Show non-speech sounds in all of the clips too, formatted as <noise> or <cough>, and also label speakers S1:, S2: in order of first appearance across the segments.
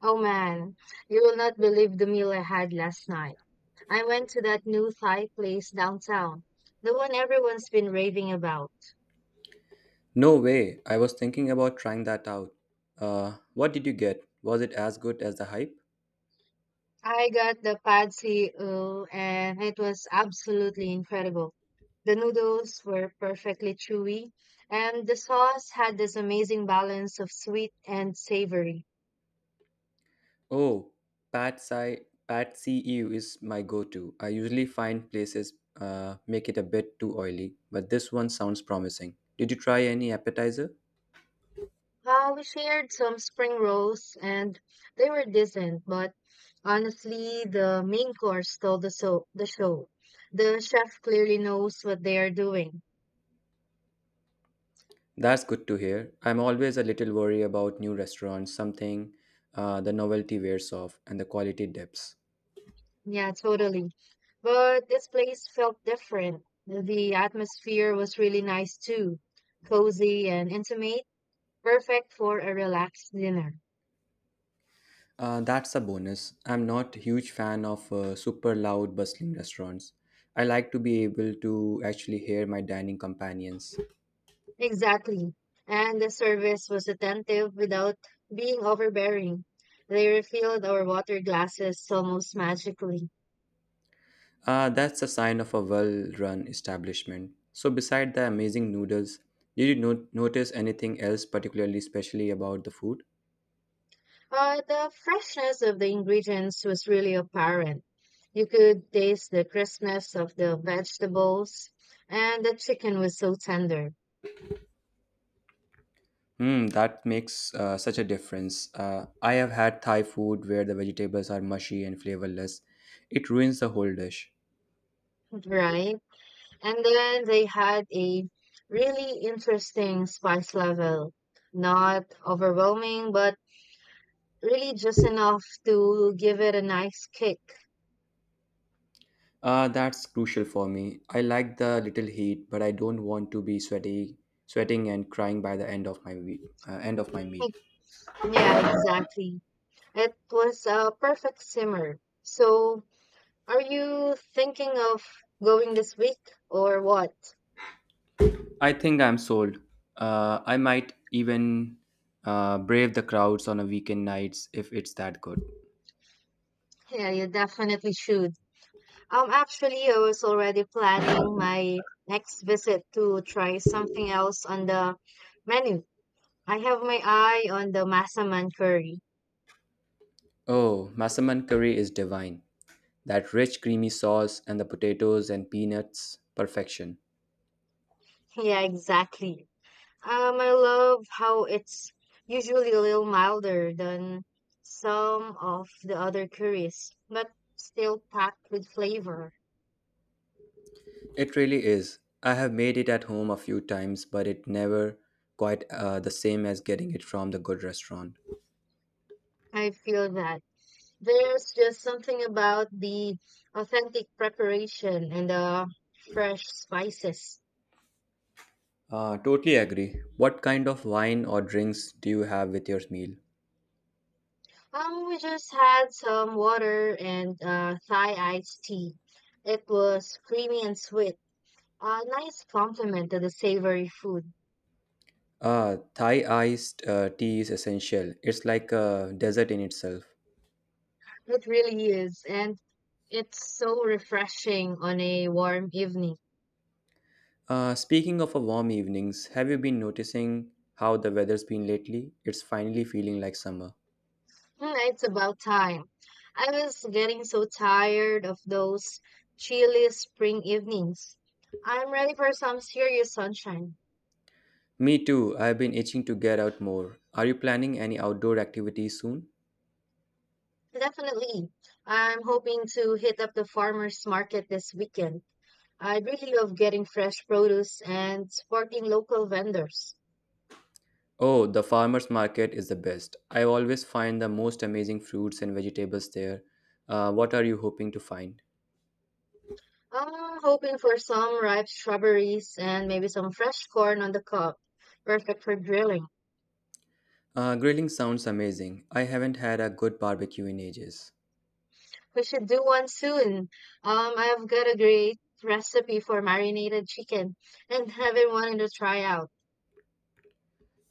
S1: Oh man, you will not believe the meal I had last night. I went to that new Thai place downtown, the one everyone's been raving about.
S2: No way. I was thinking about trying that out. What did you get? Was it as good as the hype?
S1: I got the pad see ew, and it was absolutely incredible. The noodles were perfectly chewy, and the sauce had this amazing balance of sweet and savory.
S2: Oh, Pat Sai Pat CEU is my go-to. I usually find places make it a bit too oily, but this one sounds promising. Did you try any appetizer?
S1: We shared some spring rolls, and they were decent, but honestly, the main course stole the show. The chef clearly knows what they are doing.
S2: That's good to hear. I'm always a little worried about new restaurants, something the novelty wears off and the quality dips.
S1: Yeah, totally. But this place felt different. The atmosphere was really nice too. Cozy and intimate, perfect for a relaxed dinner.
S2: That's a bonus. I'm not a huge fan of super loud, bustling restaurants. I like to be able to actually hear my dining companions.
S1: Exactly. And the service was attentive without being overbearing. They refilled our water glasses almost magically.
S2: That's a sign of a well run establishment. So, beside the amazing noodles, did you notice anything else particularly especially about the food?
S1: The freshness of the ingredients was really apparent. You could taste the crispness of the vegetables, and the chicken was so tender,
S2: Hmm, that makes such a difference. I have had Thai food where the vegetables are mushy and flavorless. It ruins the whole dish.
S1: right? And then they had a really interesting spice level, not overwhelming, but really just enough to give it a nice kick.
S2: That's crucial for me. I like the little heat, but I don't want to be sweaty, sweating and crying by the end of my week, end of my meal.
S1: Yeah, exactly. It was a perfect simmer. So, are you thinking of going this week or what?
S2: I think I'm sold. I might even brave the crowds on a weekend nights if it's that good.
S1: Yeah, you definitely should. Actually, I was already planning my next visit to try something else on the menu. I have my eye on the Masaman curry. <laughs>
S2: Oh, Masaman curry is divine. That rich, creamy sauce and the potatoes and peanuts, perfection.
S1: Yeah, exactly. I love how it's usually a little milder than some of the other curries, but still packed with flavor.
S2: It really is. I have made it at home a few times, but it never quite the same as getting it from the good restaurant.
S1: I feel that. There's just something about the authentic preparation and the fresh spices.
S2: Totally agree. What kind of wine or drinks do you have with your meal?
S1: We just had some water and Thai iced tea. It was creamy and sweet. A nice compliment to the savory food.
S2: Thai iced tea is essential. It's like a desert in itself.
S1: It really is, and it's so refreshing on a warm evening.
S2: Speaking of a warm evenings, have you been noticing how the weather's been lately? It's finally feeling like summer.
S1: Hmm, it's about time. I was getting so tired of those chilly spring evenings. I'm ready for some serious sunshine.
S2: Me too. I've been itching to get out more. Are you planning any outdoor activities soon?
S1: Definitely. I'm hoping to hit up the farmers market this weekend. I'd really love getting fresh produce and supporting local vendors.
S2: Oh, the farmers market is the best. I always find the most amazing fruits and vegetables there. What are you hoping to find?
S1: I'm hoping for some ripe strawberries and maybe some fresh corn on the cob. Perfect for grilling.
S2: Grilling sounds amazing. I haven't had a good barbecue in ages.
S1: We should do one soon. I've got a great recipe for marinated chicken and haven't wanted to try out.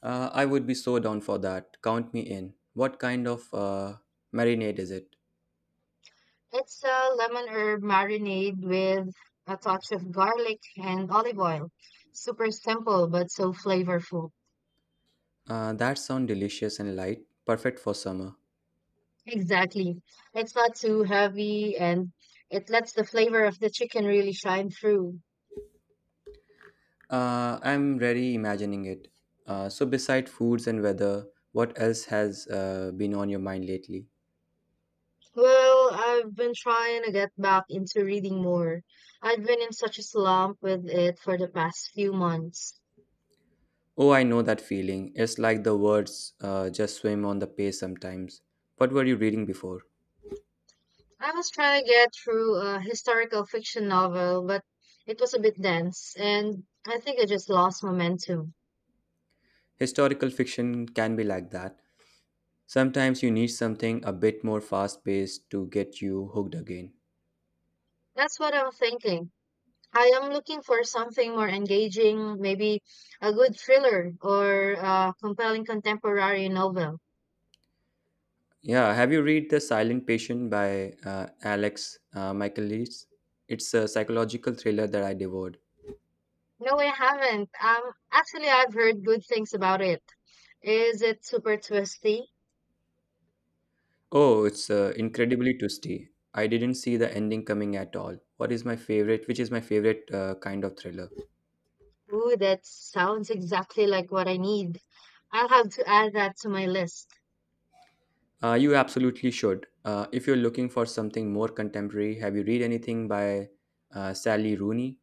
S2: I would be so down for that. Count me in. What kind of marinade is it?
S1: It's a lemon herb marinade with a touch of garlic and olive oil. Super simple, but so flavorful.
S2: That sounds delicious and light, perfect for summer.
S1: Exactly. It's not too heavy and it lets the flavor of the chicken really shine through.
S2: I'm really imagining it. So, beside foods and weather, what else has been on your mind lately?
S1: Well, I've been trying to get back into reading more. I've been in such a slump with it for the past few months.
S2: Oh, I know that feeling. It's like the words just swim on the page sometimes. What were you reading before?
S1: I was trying to get through a historical fiction novel, but it was a bit dense, and I think I just lost momentum.
S2: Historical fiction can be like that. Sometimes you need something a bit more fast paced to get you hooked again.
S1: That's what I'm thinking. I am looking for something more engaging, maybe a good thriller or a compelling contemporary novel.
S2: Yeah, have you read The Silent Patient by Alex Michaelis? It's a psychological thriller that I devoured.
S1: No, I haven't. Actually, I've heard good things about it. Is it super twisty?
S2: Oh, it's incredibly twisty. I didn't see the ending coming at all. What is my favorite? Which is my favorite kind of thriller?
S1: Ooh, that sounds exactly like what I need. I'll have to add that to my list.
S2: You absolutely should. If you're looking for something more contemporary, have you read anything by Sally Rooney?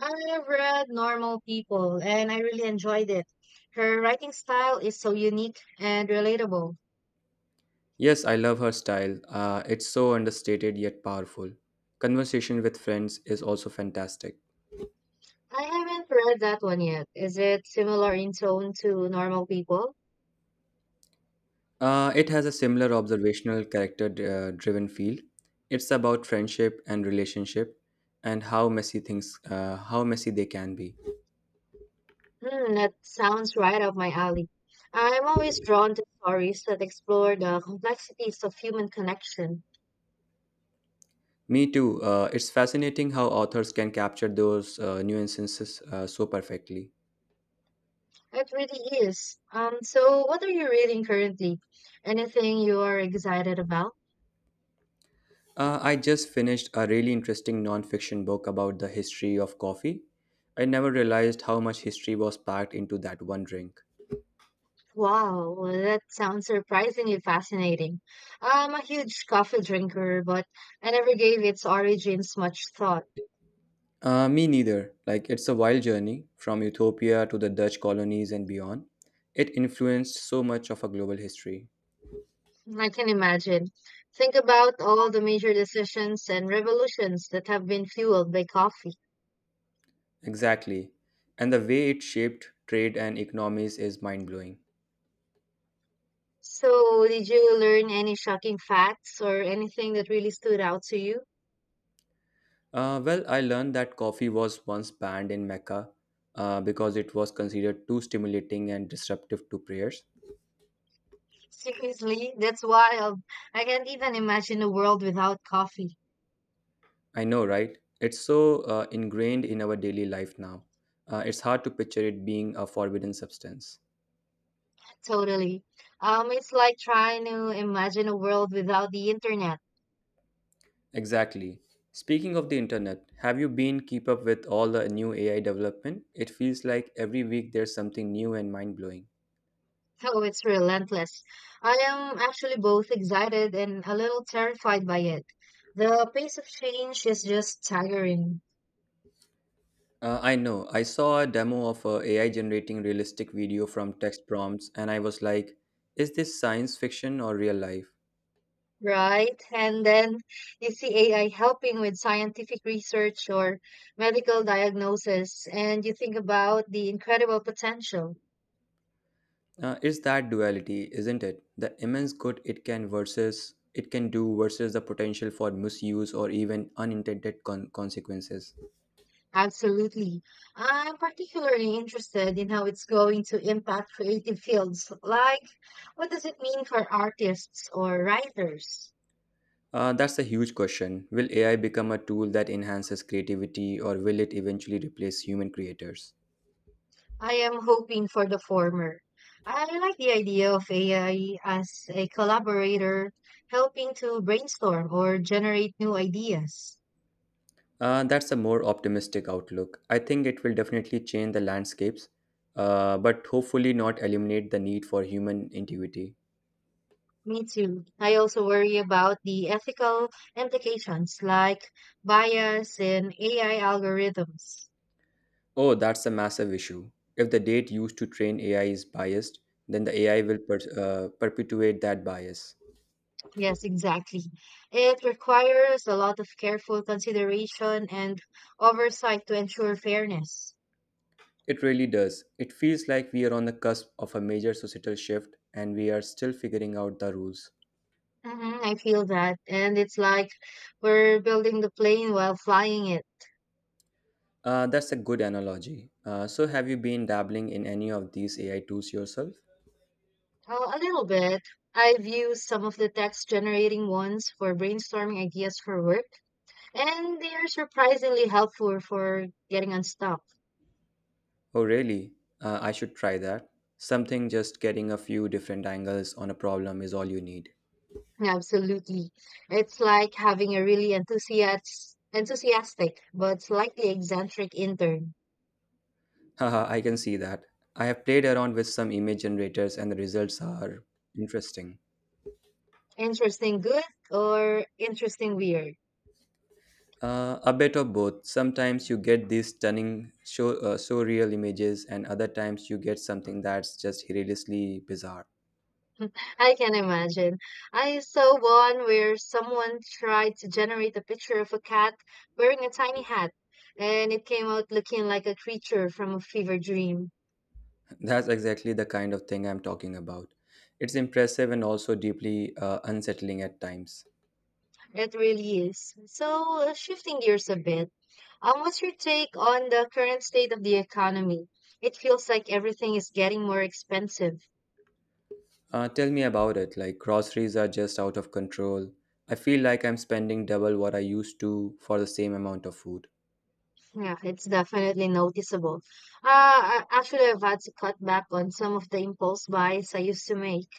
S1: I've read Normal People and I really enjoyed it. Her writing style is so unique and relatable.
S2: Yes, I love her style. It's so understated yet powerful. Conversation with Friends is also fantastic.
S1: I haven't read that one yet. Is it similar in tone to Normal People?
S2: It has a similar observational character driven feel. It's about friendship and relationship and how messy they can be.
S1: Hmm, that sounds right up my alley. I'm always drawn to stories that explore the complexities of human connection.
S2: Me too. It's fascinating how authors can capture those nuances so perfectly.
S1: It really is. So what are you reading currently? Anything you are excited about?
S2: I just finished a really interesting nonfiction book about the history of coffee. I never realized how much history was packed into that one drink.
S1: Wow, well, that sounds surprisingly fascinating. I'm a huge coffee drinker, but I never gave its origins much thought.
S2: Me neither. Like, it's a wild journey from Utopia to the Dutch colonies and beyond. It influenced so much of our global history.
S1: I can imagine. Think about all the major decisions and revolutions that have been fueled by coffee.
S2: Exactly. And the way it shaped trade and economies is mind blowing.
S1: So, did you learn any shocking facts or anything that really stood out to you?
S2: Well, I learned that coffee was once banned in Mecca because it was considered too stimulating and disruptive to prayers.
S1: Seriously, that's wild. I can't even imagine a world without coffee.
S2: I know, right? It's so ingrained in our daily life now. It's hard to picture it being a forbidden substance.
S1: Totally. It's like trying to imagine a world without the internet.
S2: Exactly. Speaking of the internet, have you been keep up with all the new AI development? It feels like every week there's something new and mind-blowing.
S1: Oh, it's relentless. I am actually both excited and a little terrified by it. The pace of change is just staggering,
S2: I know. I saw a demo of a AI generating realistic video from text prompts and I was like, is this science fiction or real life?
S1: right? And then you see AI helping with scientific research or medical diagnosis, and you think about the incredible potential.
S2: It's that duality, isn't it? The immense good it can do versus the potential for misuse or even unintended consequences.
S1: Absolutely. I'm particularly interested in how it's going to impact creative fields. Like, what does it mean for artists or writers?
S2: That's a huge question. Will AI become a tool that enhances creativity, or will it eventually replace human creators?
S1: I am hoping for the former. I like the idea of AI as a collaborator helping to brainstorm or generate new ideas.
S2: That's a more optimistic outlook. I think it will definitely change the landscapes, but hopefully not eliminate the need for human intuity.
S1: Me too. I also worry about the ethical implications like bias in AI algorithms.
S2: Oh, that's a massive issue. If the date used to train AI is biased, then the AI will perpetuate that bias.
S1: Yes, exactly. It requires a lot of careful consideration and oversight to ensure fairness.
S2: It really does. It feels like we are on the cusp of a major societal shift and we are still figuring out the rules.
S1: I feel that. And it's like we're building the plane while flying it.
S2: That's a good analogy. So, have you been dabbling in any of these AI tools yourself?
S1: A little bit. I've used some of the text generating ones for brainstorming ideas for work, and they are surprisingly helpful for getting unstuck.
S2: Oh, really? I should try that. Something just getting a few different angles on a problem is all you need.
S1: Absolutely. It's like having a really enthusiastic but slightly eccentric intern.
S2: Haha, I can see that. I have played around with some image generators and the results are interesting.
S1: Interesting good or interesting weird.
S2: A bit of both. Sometimes you get these stunning, so real images, and other times you get something that's just hilariously bizarre.
S1: I can imagine. I saw one where someone tried to generate a picture of a cat wearing a tiny hat, and it came out looking like a creature from a fever dream.
S2: <laughs> That's exactly the kind of thing I'm talking about. It's impressive and also deeply unsettling at times.
S1: It really is. So, shifting gears a bit, what's your take on the current state of the economy? It feels like everything is getting more expensive.
S2: Tell me about it. Like, groceries are just out of control. I feel like I'm spending double what I used to for the same amount of food.
S1: Yeah, it's definitely noticeable. Actually, I've had to cut back on some of the impulse buys I used to make.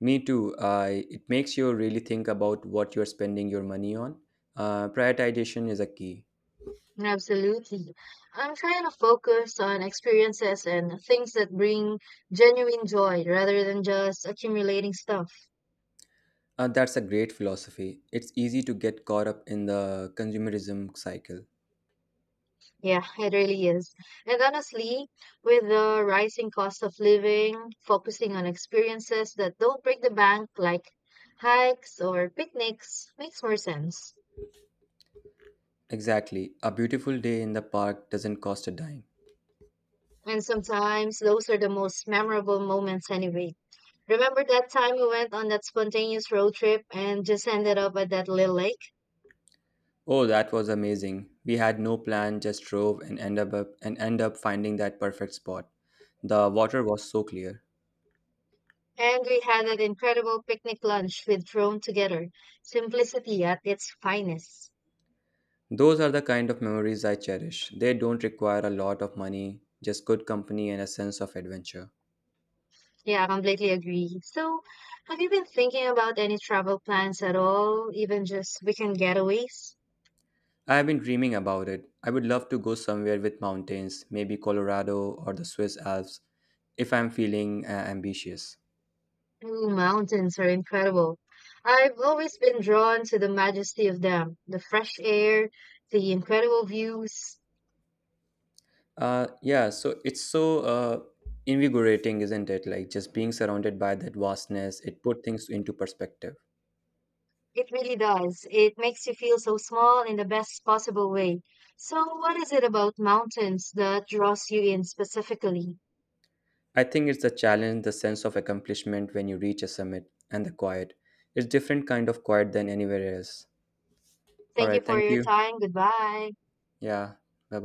S2: Me too. I it makes you really think about what you're spending your money on. Prioritization is a key.
S1: Absolutely. I'm trying to focus on experiences and things that bring genuine joy rather than just accumulating stuff.
S2: That's a great philosophy. It's easy to get caught up in the consumerism cycle.
S1: Yeah, it really is. And honestly, with the rising cost of living, focusing on experiences that don't break the bank, like hikes or picnics, makes more sense.
S2: Exactly. A beautiful day in the park doesn't cost a dime.
S1: And sometimes those are the most memorable moments anyway. Remember that time we went on that spontaneous road trip and just ended up at that little lake?
S2: Oh, that was amazing. We had no plan, just drove and end up finding that perfect spot. The water was so clear.
S1: And we had an incredible picnic lunch with thrown together. Simplicity at its finest.
S2: Those are the kind of memories I cherish. They don't require a lot of money, just good company and a sense of adventure.
S1: Yeah, I completely agree. So, have you been thinking about any travel plans at all, even just weekend getaways?
S2: I have been dreaming about it. I would love to go somewhere with mountains, maybe Colorado or the Swiss Alps, if I'm feeling ambitious.
S1: Ooh, mountains are incredible. I've always been drawn to the majesty of them, the fresh air, the incredible views.
S2: Yeah, so it's so invigorating, isn't it? Like just being surrounded by that vastness, it put things into perspective.
S1: It really does. It makes you feel so small in the best possible way. So, what is it about mountains that draws you in specifically?
S2: I think it's the challenge, the sense of accomplishment when you reach a summit, and the quiet. It's different kind of quiet than anywhere else. All
S1: Thank you
S2: right,
S1: for
S2: thank
S1: your
S2: you.
S1: time. Goodbye.
S2: Yeah, bye bye.